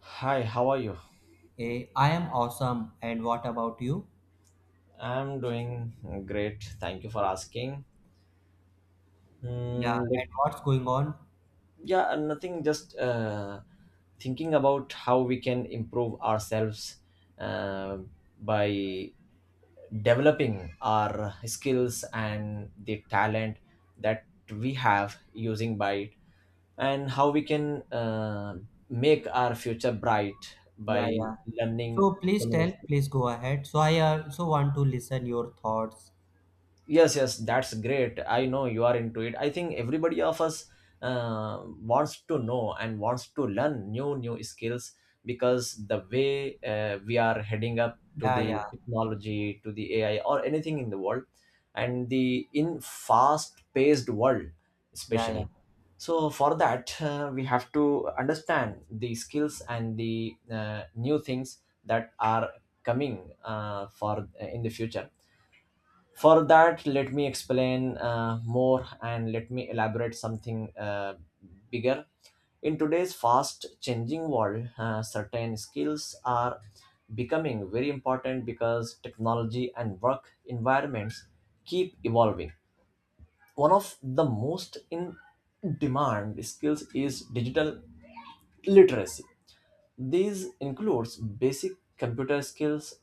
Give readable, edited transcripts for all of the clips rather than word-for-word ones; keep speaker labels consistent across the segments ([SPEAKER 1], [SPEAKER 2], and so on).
[SPEAKER 1] Hi, how are you?
[SPEAKER 2] Hey, I am awesome. And what about you?
[SPEAKER 1] I'm doing great. Thank you for asking.
[SPEAKER 2] Yeah,
[SPEAKER 1] Like,
[SPEAKER 2] and what's going on?
[SPEAKER 1] yeah, nothing, just thinking about how we can improve ourselves, uh, by developing our skills and the talent that we have using by it, and how we can make our future bright
[SPEAKER 2] Yeah,
[SPEAKER 1] by
[SPEAKER 2] yeah.
[SPEAKER 1] learning
[SPEAKER 2] So
[SPEAKER 1] so
[SPEAKER 2] please
[SPEAKER 1] many
[SPEAKER 2] tell,
[SPEAKER 1] skills.
[SPEAKER 2] please go ahead. So I also want to listen your thoughts.
[SPEAKER 1] Yes, yes, that's great. I know you are into it. I think everybody of us wants to know and wants to learn new skills, because the way we are heading up to
[SPEAKER 2] Yeah,
[SPEAKER 1] the
[SPEAKER 2] yeah,
[SPEAKER 1] technology, to the AI or anything in the world, and the in fast paced world,
[SPEAKER 2] yeah, yeah,
[SPEAKER 1] especially. So for that we have to understand the skills and the new things that are coming, for in the future. For that, let me explain more, and let me elaborate something bigger. In today's fast changing world, certain skills are becoming very important because technology and work environments keep evolving. One of the most in demand skills is digital literacy. These includes basic computer skills,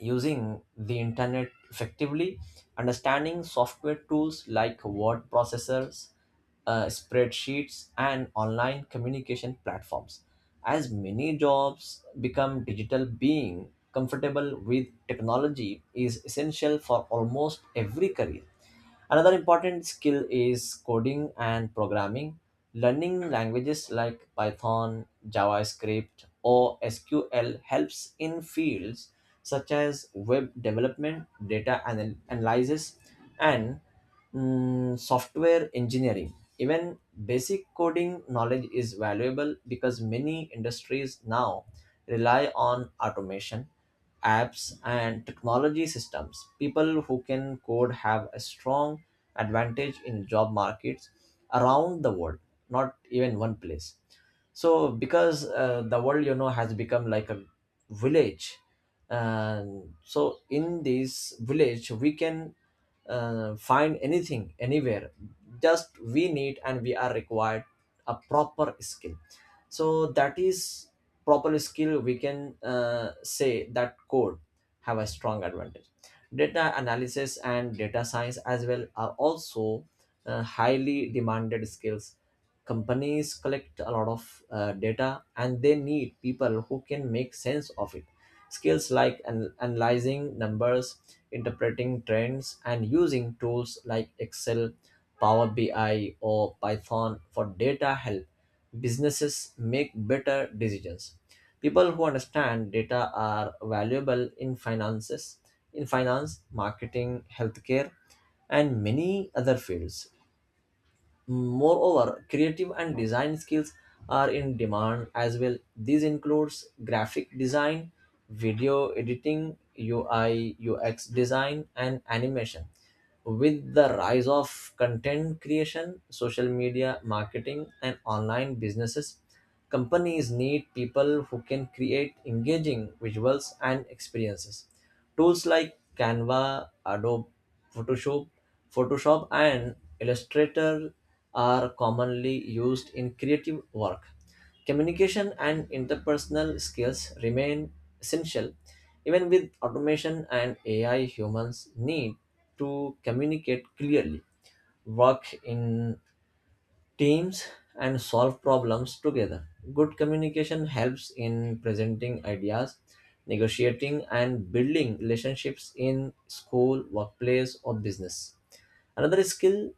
[SPEAKER 1] using the internet effectively, understanding software tools like word processors, spreadsheets, and online communication platforms. As many jobs become digital, being comfortable with technology is essential for almost every career. Another important skill is coding and programming. Learning languages like Python, JavaScript, or SQL helps in fields such as web development, data analysis, and software engineering. Even basic coding knowledge is valuable because many industries now rely on automation, apps, and technology systems. People who can code have a strong advantage in job markets around the world, not even one place. So, because the world, has become like a village, and so in this village, we can find anything anywhere. Just we need, and we are required a proper skill, so that is proper skill, we can say that code have a strong advantage. Data analysis and data science as well are also highly demanded skills. Companies collect a lot of data, and they need people who can make sense of it. Skills like analyzing numbers, interpreting trends, and using tools like Excel, Power BI, or Python for data help businesses make better decisions. People who understand data are valuable in finance, marketing, healthcare, and many other fields. Moreover, creative and design skills are in demand as well. This includes graphic design, video editing, UI, UX design, and animation. With the rise of content creation, social media marketing, and online businesses, companies need people who can create engaging visuals and experiences. Tools like Canva, Adobe Photoshop, and Illustrator are commonly used in creative work. Communication and interpersonal skills remain essential. Even with automation and AI, humans need to communicate clearly, work in teams, and solve problems together. Good communication helps in presenting ideas, negotiating, and building relationships in school, workplace, or business. Another skill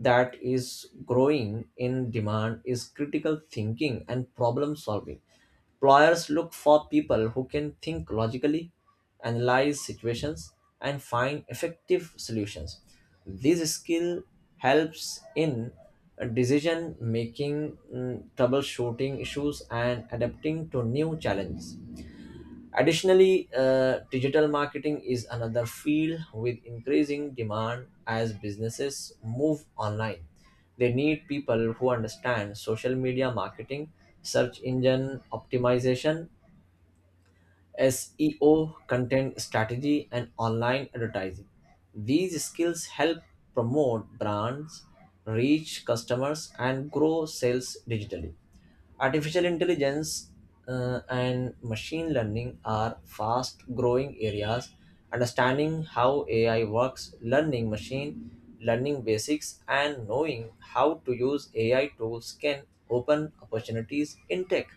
[SPEAKER 1] that is growing in demand is critical thinking and problem solving. Employers look for people who can think logically, analyze situations, and find effective solutions. This skill helps in decision making, troubleshooting issues, and adapting to new challenges. Additionally, digital marketing is another field with increasing demand as businesses move online. They need people who understand social media marketing, search engine optimization, SEO, content strategy, and online advertising. These skills help promote brands, reach customers, and grow sales digitally. Artificial intelligence and machine learning are fast growing areas. Understanding how AI works, learning machine learning basics, and knowing how to use AI tools can open opportunities in tech,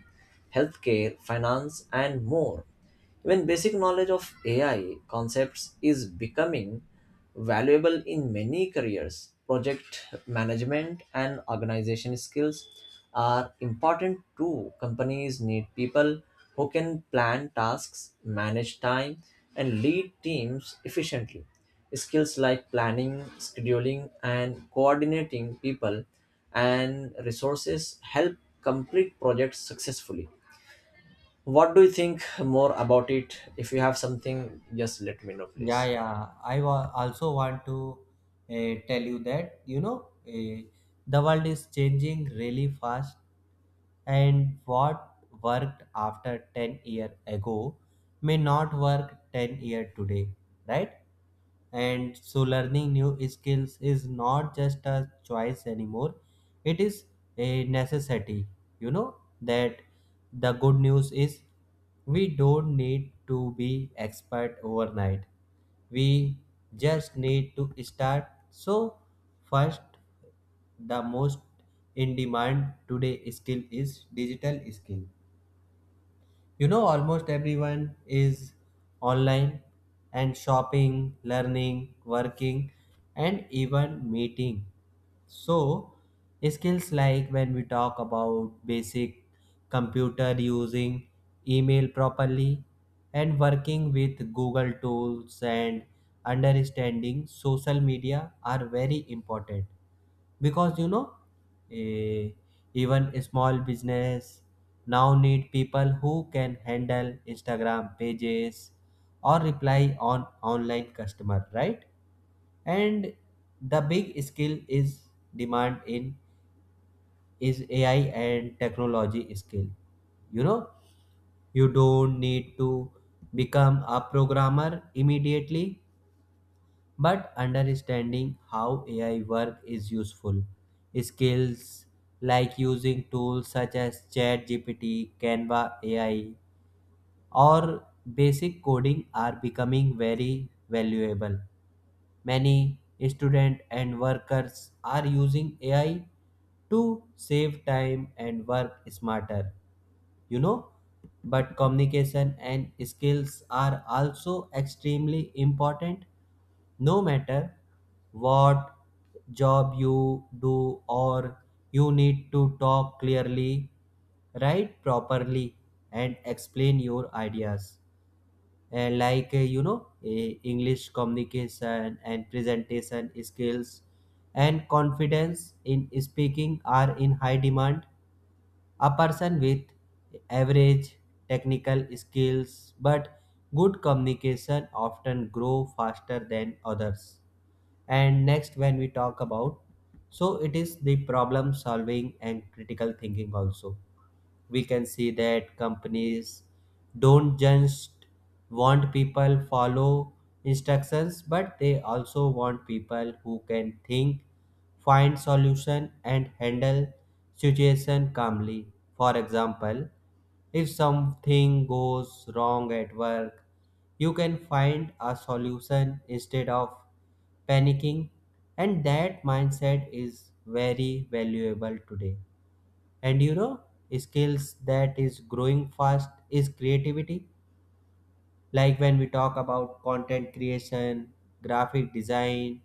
[SPEAKER 1] healthcare, finance, and more. Even basic knowledge of AI concepts is becoming valuable in many careers. Project management and organization skills are important too. Companies need people who can plan tasks, manage time, and lead teams efficiently. Skills like planning, scheduling, and coordinating people and resources help complete projects successfully. What do you think more about it? If you have something, just let me know,
[SPEAKER 2] yeah,
[SPEAKER 1] please.
[SPEAKER 2] yeah. I also want to tell you that uh, the world is changing really fast, and what worked after 10 year ago may not work 10 year today, right? And so learning new skills is not just a choice anymore. It is a necessity. You know that the good news is, we don't need to be expert overnight. We just need to start. So first, the most in demand today skill is digital skill. Almost everyone is online and shopping, learning, working, and even meeting. So, skills like when we talk about basic computer using, email properly, and working with Google tools and understanding social media are very important because eh, even a small business now need people who can handle Instagram pages or reply on online customer, right? And the big skill is demand in is AI and technology skill. You know you don't need to become a programmer immediately, but understanding how AI work is useful. Skills like using tools such as ChatGPT, Canva AI, or basic coding are becoming very valuable. Many students and workers are using AI to save time and work smarter. You know, but communication and skills are also extremely important. No matter what job you do, or you need to talk clearly, write properly and explain your ideas. And like English communication and presentation skills and confidence in speaking are in high demand. A person with average technical skills but good communication often grow faster than others. And next when we talk about, so it is the problem solving and critical thinking also. We can see that companies don't just want people follow instructions, but they also want people who can think, find solution and handle situation calmly. For example, if something goes wrong at work, you can find a solution instead of panicking, and that mindset is very valuable today. And skills that is growing fast is creativity, like when we talk about content creation, graphic design,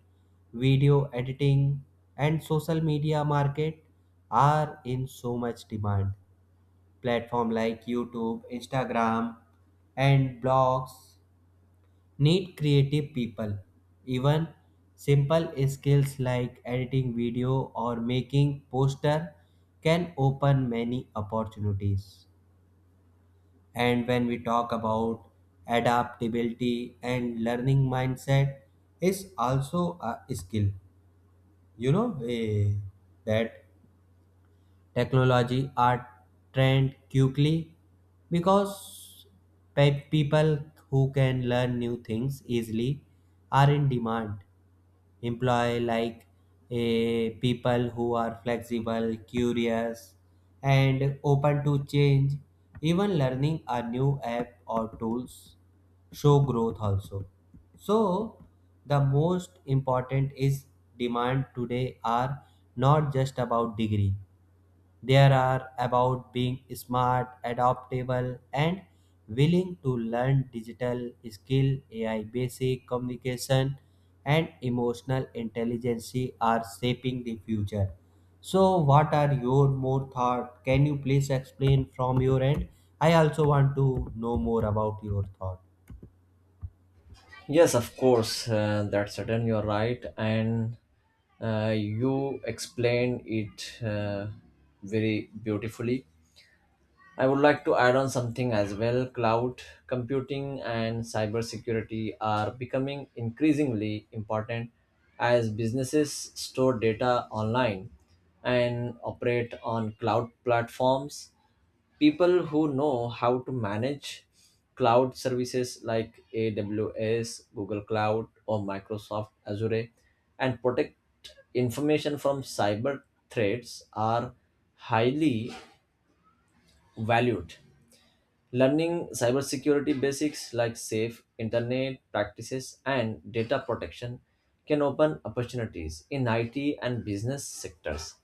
[SPEAKER 2] video editing, and social media market are in so much demand. Platform like YouTube, Instagram, and blogs need creative people. Even simple skills like editing video or making poster can open many opportunities. And when we talk about adaptability and learning mindset is also a skill, you know, eh, that technology are trend quickly because people who can learn new things easily are in demand. Employ like a people who are flexible, curious, and open to change. Even learning a new app or tools show growth also. So the most important is demand today are not just about degree. There are about being smart, adaptable, and willing to learn digital skill, AI basic communication, and emotional intelligence are shaping the future. So, what are your more thought? Can you please explain from your end? I also want to know more about your thought.
[SPEAKER 1] Yes, of course, that's certain. You're right, and you explained it very beautifully. I would like to add on something as well. Cloud computing and cybersecurity are becoming increasingly important as businesses store data online and operate on cloud platforms. People who know how to manage cloud services like AWS, Google Cloud, or Microsoft Azure, and protect information from cyber threats are highly valued. Learning cybersecurity basics like safe internet practices and data protection can open opportunities in IT and business sectors.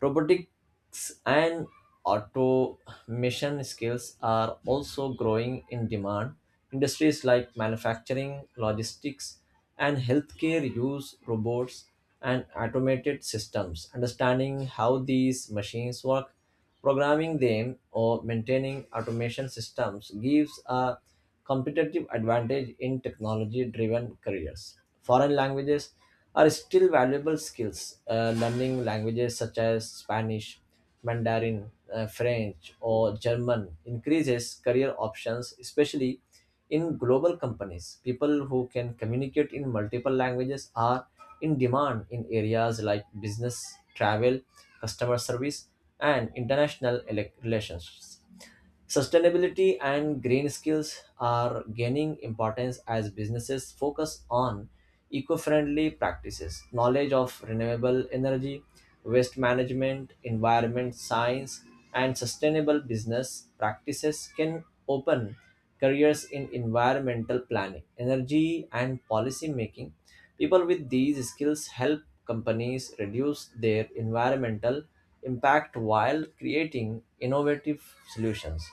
[SPEAKER 1] Robotics and automation skills are also growing in demand. Industries like manufacturing, logistics, and healthcare use robots and automated systems. Understanding how these machines work, programming them, or maintaining automation systems gives a competitive advantage in technology driven careers. Foreign languages are still valuable skills. Learning languages such as Spanish, Mandarin, French, or German increases career options, especially in global companies. People who can communicate in multiple languages are in demand in areas like business, travel, customer service, and international relations. Sustainability and green skills are gaining importance as businesses focus on eco friendly practices. Knowledge of renewable energy, waste management, environment science, and sustainable business practices can open careers in environmental planning, energy, and policy making. People with these skills help companies reduce their environmental impact while creating innovative solutions.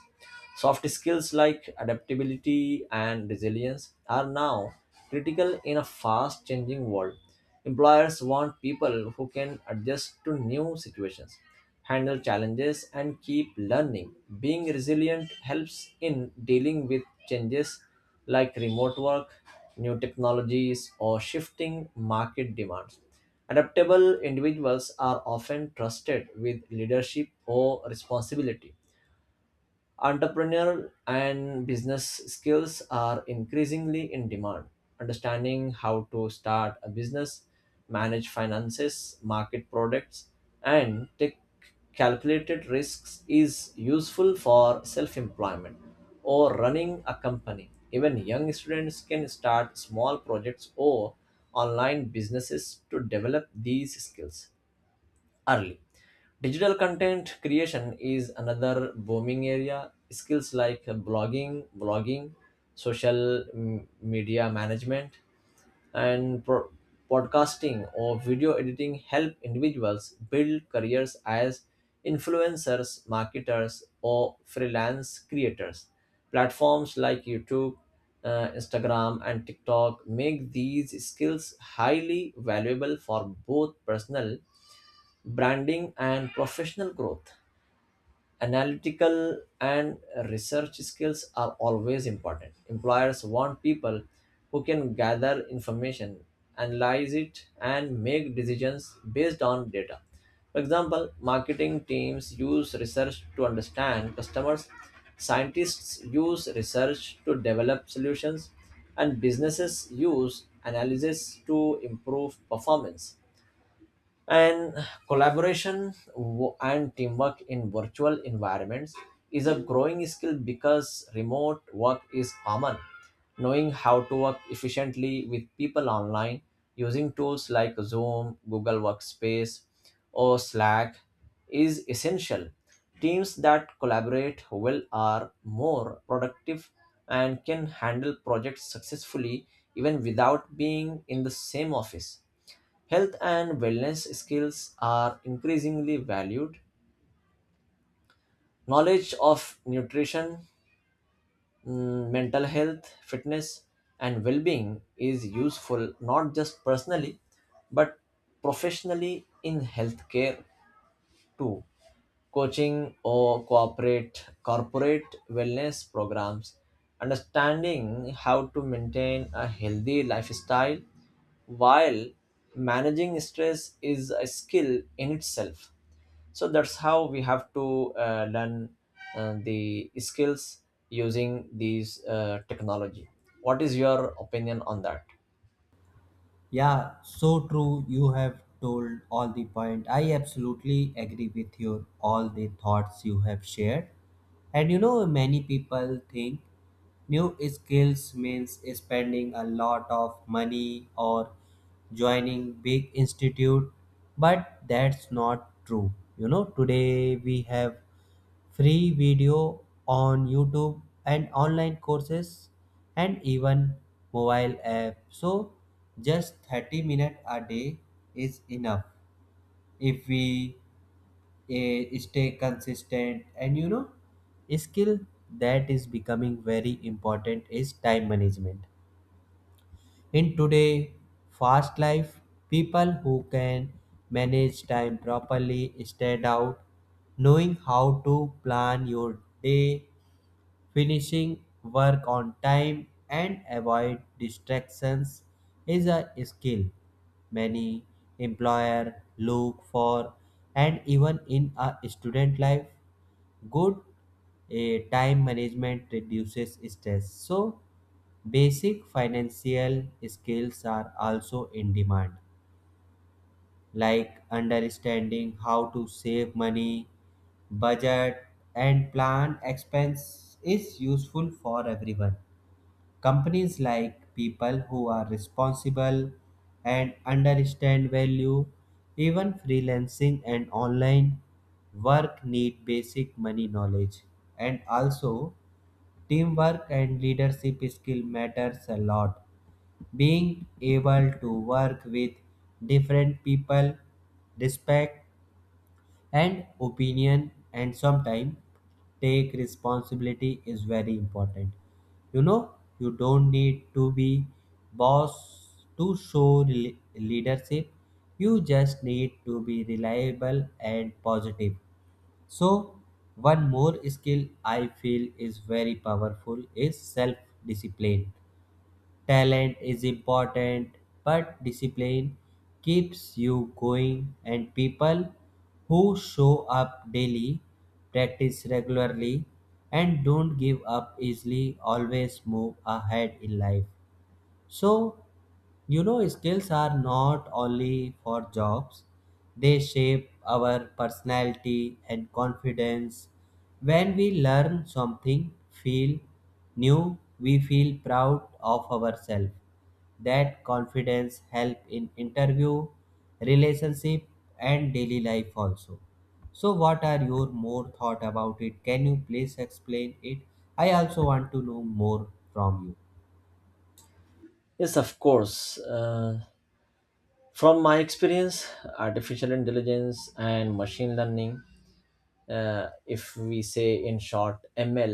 [SPEAKER 1] Soft skills like adaptability and resilience are now critical in a fast changing world. Employers want people who can adjust to new situations, handle challenges, and keep learning. Being resilient helps in dealing with changes like remote work, new technologies, or shifting market demands. Adaptable individuals are often trusted with leadership or responsibility. Entrepreneurial and business skills are increasingly in demand. Understanding how to start a business, manage finances, market products, and take calculated risks is useful for self employment or running a company. Even young students can start small projects or online businesses to develop these skills early. Digital content creation is another booming area. Skills like blogging, social media management, and podcasting or video editing help individuals build careers as influencers, marketers, or freelance creators. Platforms like YouTube, Instagram, and TikTok make these skills highly valuable for both personal branding and professional growth. Analytical and research skills are always important. Employers want people who can gather information, analyze it, and make decisions based on data. For example, marketing teams use research to understand customers, scientists use research to develop solutions, and businesses use analysis to improve performance. And collaboration and teamwork in virtual environments is a growing skill because remote work is common. Knowing how to work efficiently with people online using tools like Zoom, Google Workspace, or Slack is essential. Teams that collaborate well are more productive and can handle projects successfully, even without being in the same office. Health and wellness skills are increasingly valued. Knowledge of nutrition, mental health, fitness, and well being is useful not just personally but professionally in healthcare too. Coaching or corporate wellness programs, understanding how to maintain a healthy lifestyle while managing stress, is a skill in itself. So that's how we have to learn the skills using these technology. What is your opinion on that?
[SPEAKER 2] Yeah, so true. You have told all the point. I absolutely agree with your all the thoughts you have shared. And many people think new skills means spending a lot of money or joining big institute, but that's not true. Today we have free video on YouTube and online courses and even mobile app. So just 30 minutes a day is enough if we stay consistent. And skill that is becoming very important is time management. In today fast life, people who can manage time properly stand out, knowing how to plan your day, finishing work on time and avoid distractions is a skill many employer look for. And even in a student life, good time management reduces stress. So basic financial skills are also in demand, like understanding how to save money, budget, and plan expense is useful for everyone. Companies like people who are responsible and understand value, even freelancing and online work need basic money knowledge. And also teamwork and leadership skill matters a lot. Being able to work with different people, respect and opinion, and sometimes take responsibility is very important. You know you don't need to be boss to show leadership. You just need to be reliable and positive. So one more skill I feel is very powerful is self discipline. Talent is important, but discipline keeps you going, and people who show up daily, practice regularly, and don't give up easily always move ahead in life. So, skills are not only for jobs, they shape our personality and confidence. When we learn something feel new, we feel proud of ourselves. That confidence help in interview, relationship and daily life also. So what are your more thought about it? Can you please explain it? I also want to know more from you.
[SPEAKER 1] Yes, of course. From my experience, artificial intelligence and machine learning, if we say in short, ML,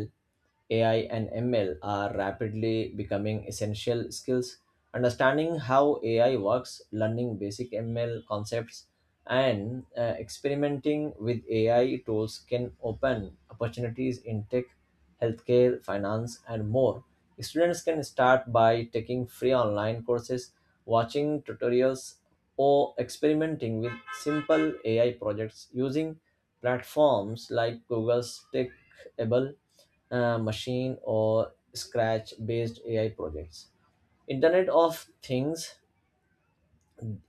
[SPEAKER 1] AI and ML are rapidly becoming essential skills. Understanding how AI works, learning basic ML concepts, and experimenting with AI tools can open opportunities in tech, healthcare, finance, and more. Students can start by taking free online courses, watching tutorials, or experimenting with simple AI projects using platforms like Google's Clickable Machine or Scratch based AI projects. Internet of Things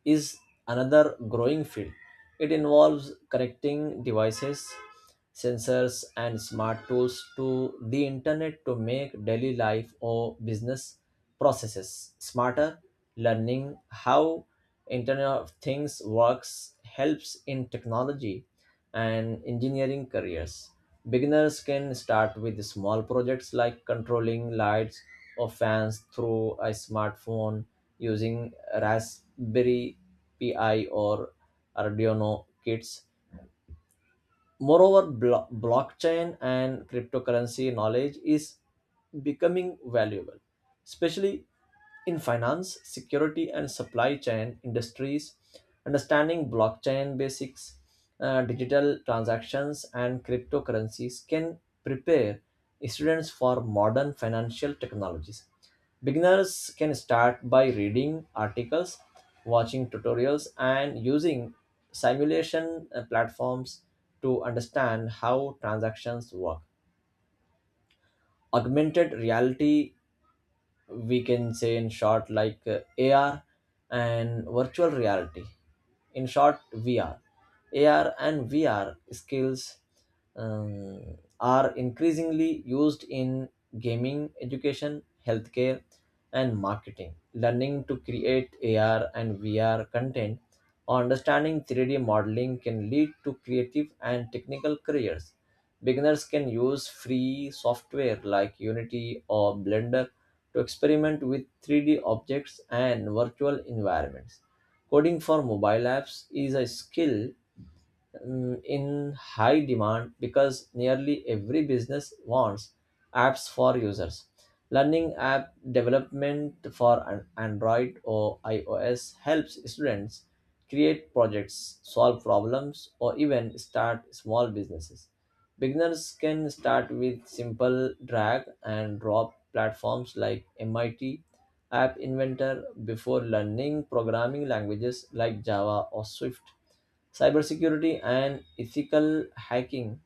[SPEAKER 1] is another growing field. It involves connecting devices, sensors, and smart tools to the internet to make daily life or business processes smarter. Learning how Internet of Things works helps in technology and engineering careers. Beginners can start with small projects like controlling lights or fans through a smartphone using Raspberry Pi or Arduino kits. Moreover, blockchain and cryptocurrency knowledge is becoming valuable, especially in finance, security, and supply chain industries. Understanding blockchain basics, digital transactions, and cryptocurrencies can prepare students for modern financial technologies. Beginners can start by reading articles, watching tutorials, and using simulation platforms to understand how transactions work. Augmented reality, we can say in short like AR, and virtual reality, in short, VR. AR and VR skills are increasingly used in gaming, education, healthcare, and marketing. Learning to create AR and VR content or understanding 3D modeling can lead to creative and technical careers. Beginners can use free software like Unity or Blender to experiment with 3D objects and virtual environments. Coding for mobile apps is a skill in high demand because nearly every business wants apps for users. Learning app development for an Android or iOS helps students create projects, solve problems, or even start small businesses. Beginners can start with simple drag and drop platforms like MIT App Inventor before learning programming languages like Java or Swift. Cybersecurity and ethical hacking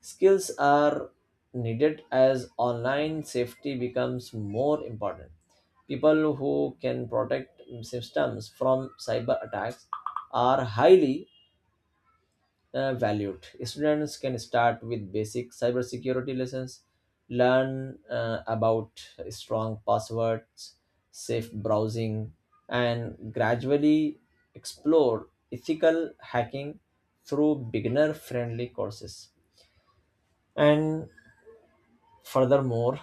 [SPEAKER 1] skills are needed as online safety becomes more important. People who can protect systems from cyber attacks are highly valued. Students can start with basic cybersecurity lessons, learn about strong passwords, safe browsing, and gradually explore ethical hacking through beginner friendly courses. And furthermore,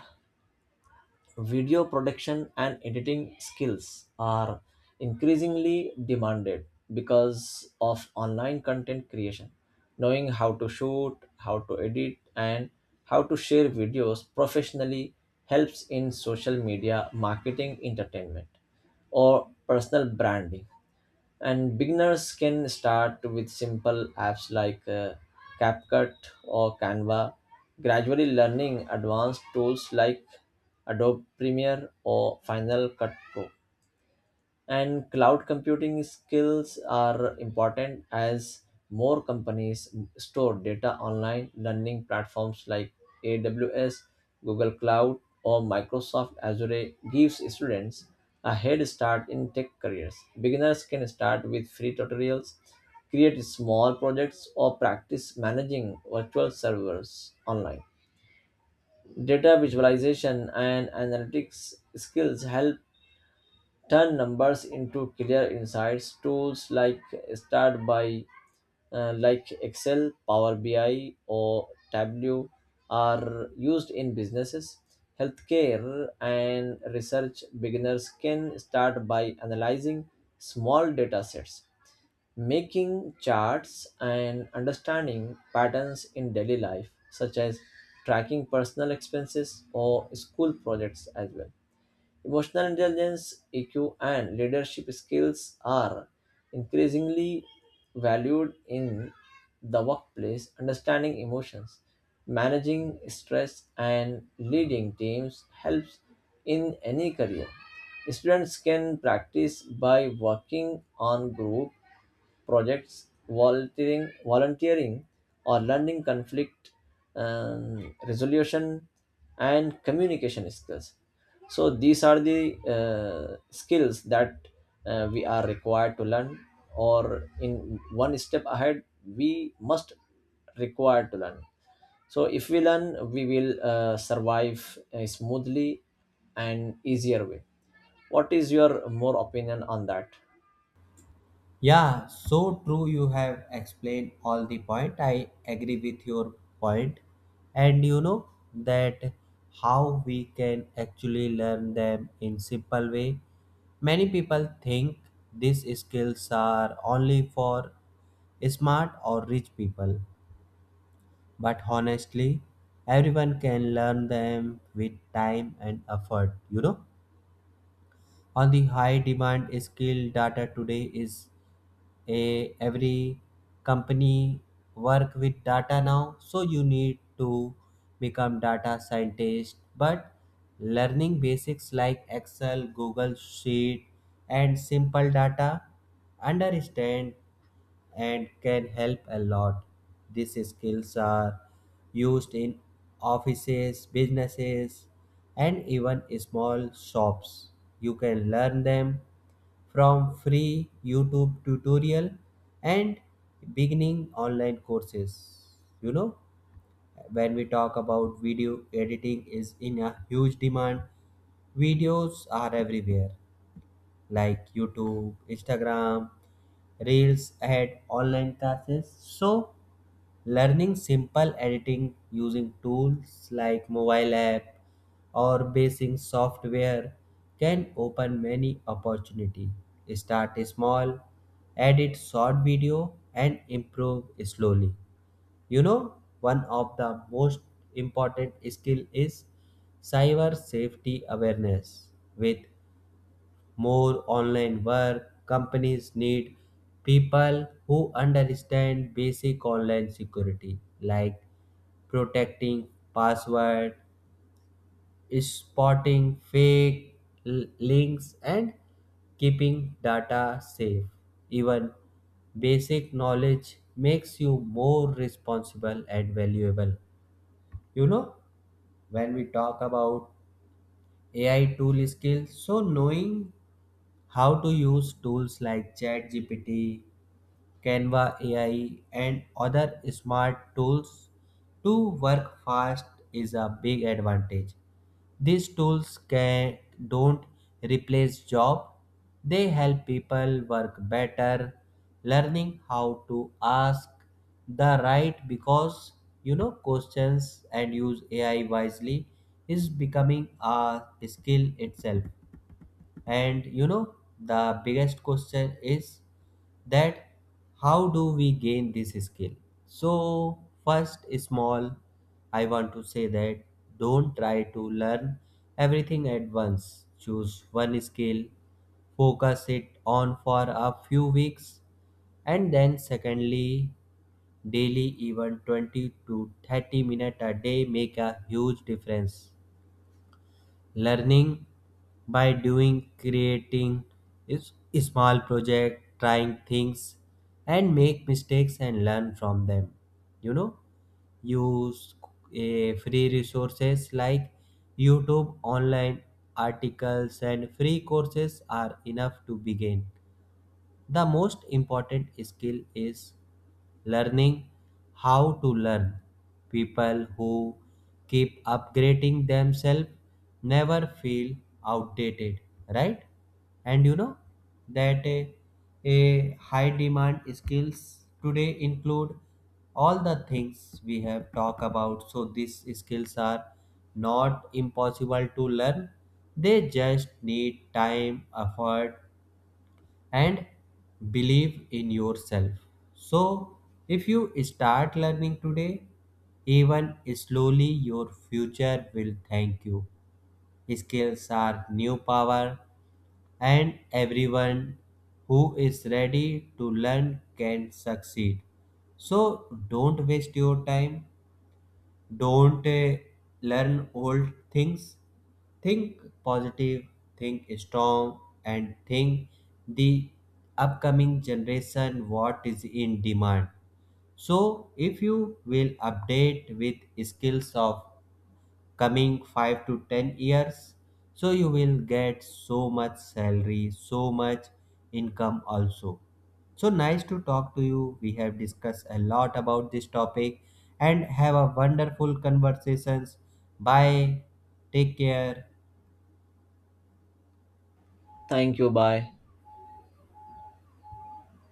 [SPEAKER 1] video production and editing skills are increasingly demanded because of online content creation. Knowing how to shoot, how to edit, and how to share videos professionally helps in social media marketing, entertainment, or personal branding. And beginners can start with simple apps like CapCut or Canva, gradually learning advanced tools like Adobe Premiere or Final Cut Pro. And cloud computing skills are important as more companies store data online. Learning platforms like AWS, Google Cloud, or Microsoft Azure gives students a head start in tech careers. Beginners can start with free tutorials, create small projects, or practice managing virtual servers online. Data visualization and analytics skills help turn numbers into clear insights. Tools like start by like Excel, Power BI, or Tableau are used in businesses, healthcare, and research. Beginners can start by analyzing small data sets, making charts, and understanding patterns in daily life, such as tracking personal expenses or school projects as well. Emotional intelligence, EQ, and leadership skills are increasingly valued in the workplace. Understanding emotions, managing stress, and leading teams helps in any career. Students can practice by working on group projects, volunteering, or learning conflict resolution and communication skills. So these are the skills that we are required to learn, or in one step ahead, we must require to learn. So if we learn, we will survive a smoothly and easier way. What is your more opinion on that?
[SPEAKER 2] Yeah, so true. You have explained all the point. I agree with your point, and you know that how we can actually learn them in simple way. Many people think these skills are only for smart or rich people, but honestly, everyone can learn them with time and effort. You know on the high demand skill data today is a every company work with data now, so you need to become data scientist but learning basics like Excel, Google Sheet, and simple data understand and can help a lot. These skills are used in offices, businesses, and even small shops. You can learn them from free YouTube tutorial and beginning online courses. You know, when we talk about video editing is in a huge demand. Videos are everywhere like YouTube, Instagram, Reels had online classes. So, learning simple editing using tools like mobile app or basic software can open many opportunity. Start small, edit short video and improve slowly. You know, one of the most important skill is cyber safety awareness. With more online work, companies need people who understand basic online security like protecting password, spotting fake links, and keeping data safe. Even basic knowledge makes you more responsible and valuable. You know, when we talk about AI tool skills, so knowing how to use tools like ChatGPT, Canva AI, and other smart tools to work fast is a big advantage. These tools can don't replace job. They help people work better, learning how to ask the right because questions and use AI wisely is becoming a skill itself. And the biggest question is that how do we gain this skill? So, first, small, I want to say that don't try to learn everything at once. Choose one skill, focus it on for a few weeks, and then, secondly, daily even 20 to 30 minutes a day make a huge difference. Learning by doing, creating is small project, trying things and make mistakes and learn from them. you know Use free resources like YouTube, online articles and free courses are enough to begin. The most important skill is learning how to learn. People who keep upgrading themselves never feel outdated, right? And you know that a high demand skills today include all the things we have talked about. So these skills are not impossible to learn. They just need time, effort, and believe in yourself. So, if you start learning today, even slowly, your future will thank you. Skills are new power, and everyone who is ready to learn can succeed. So, don't waste your time. Don't learn old things. Think positive, think strong, and think the upcoming generation what is in demand. So, if you will update with skills of coming 5 to 10 years, so you will get so much salary, so much income also. So nice to talk to you. We have discussed a lot about this topic and have a wonderful conversations. Bye. Take care.
[SPEAKER 1] Thank you. Bye.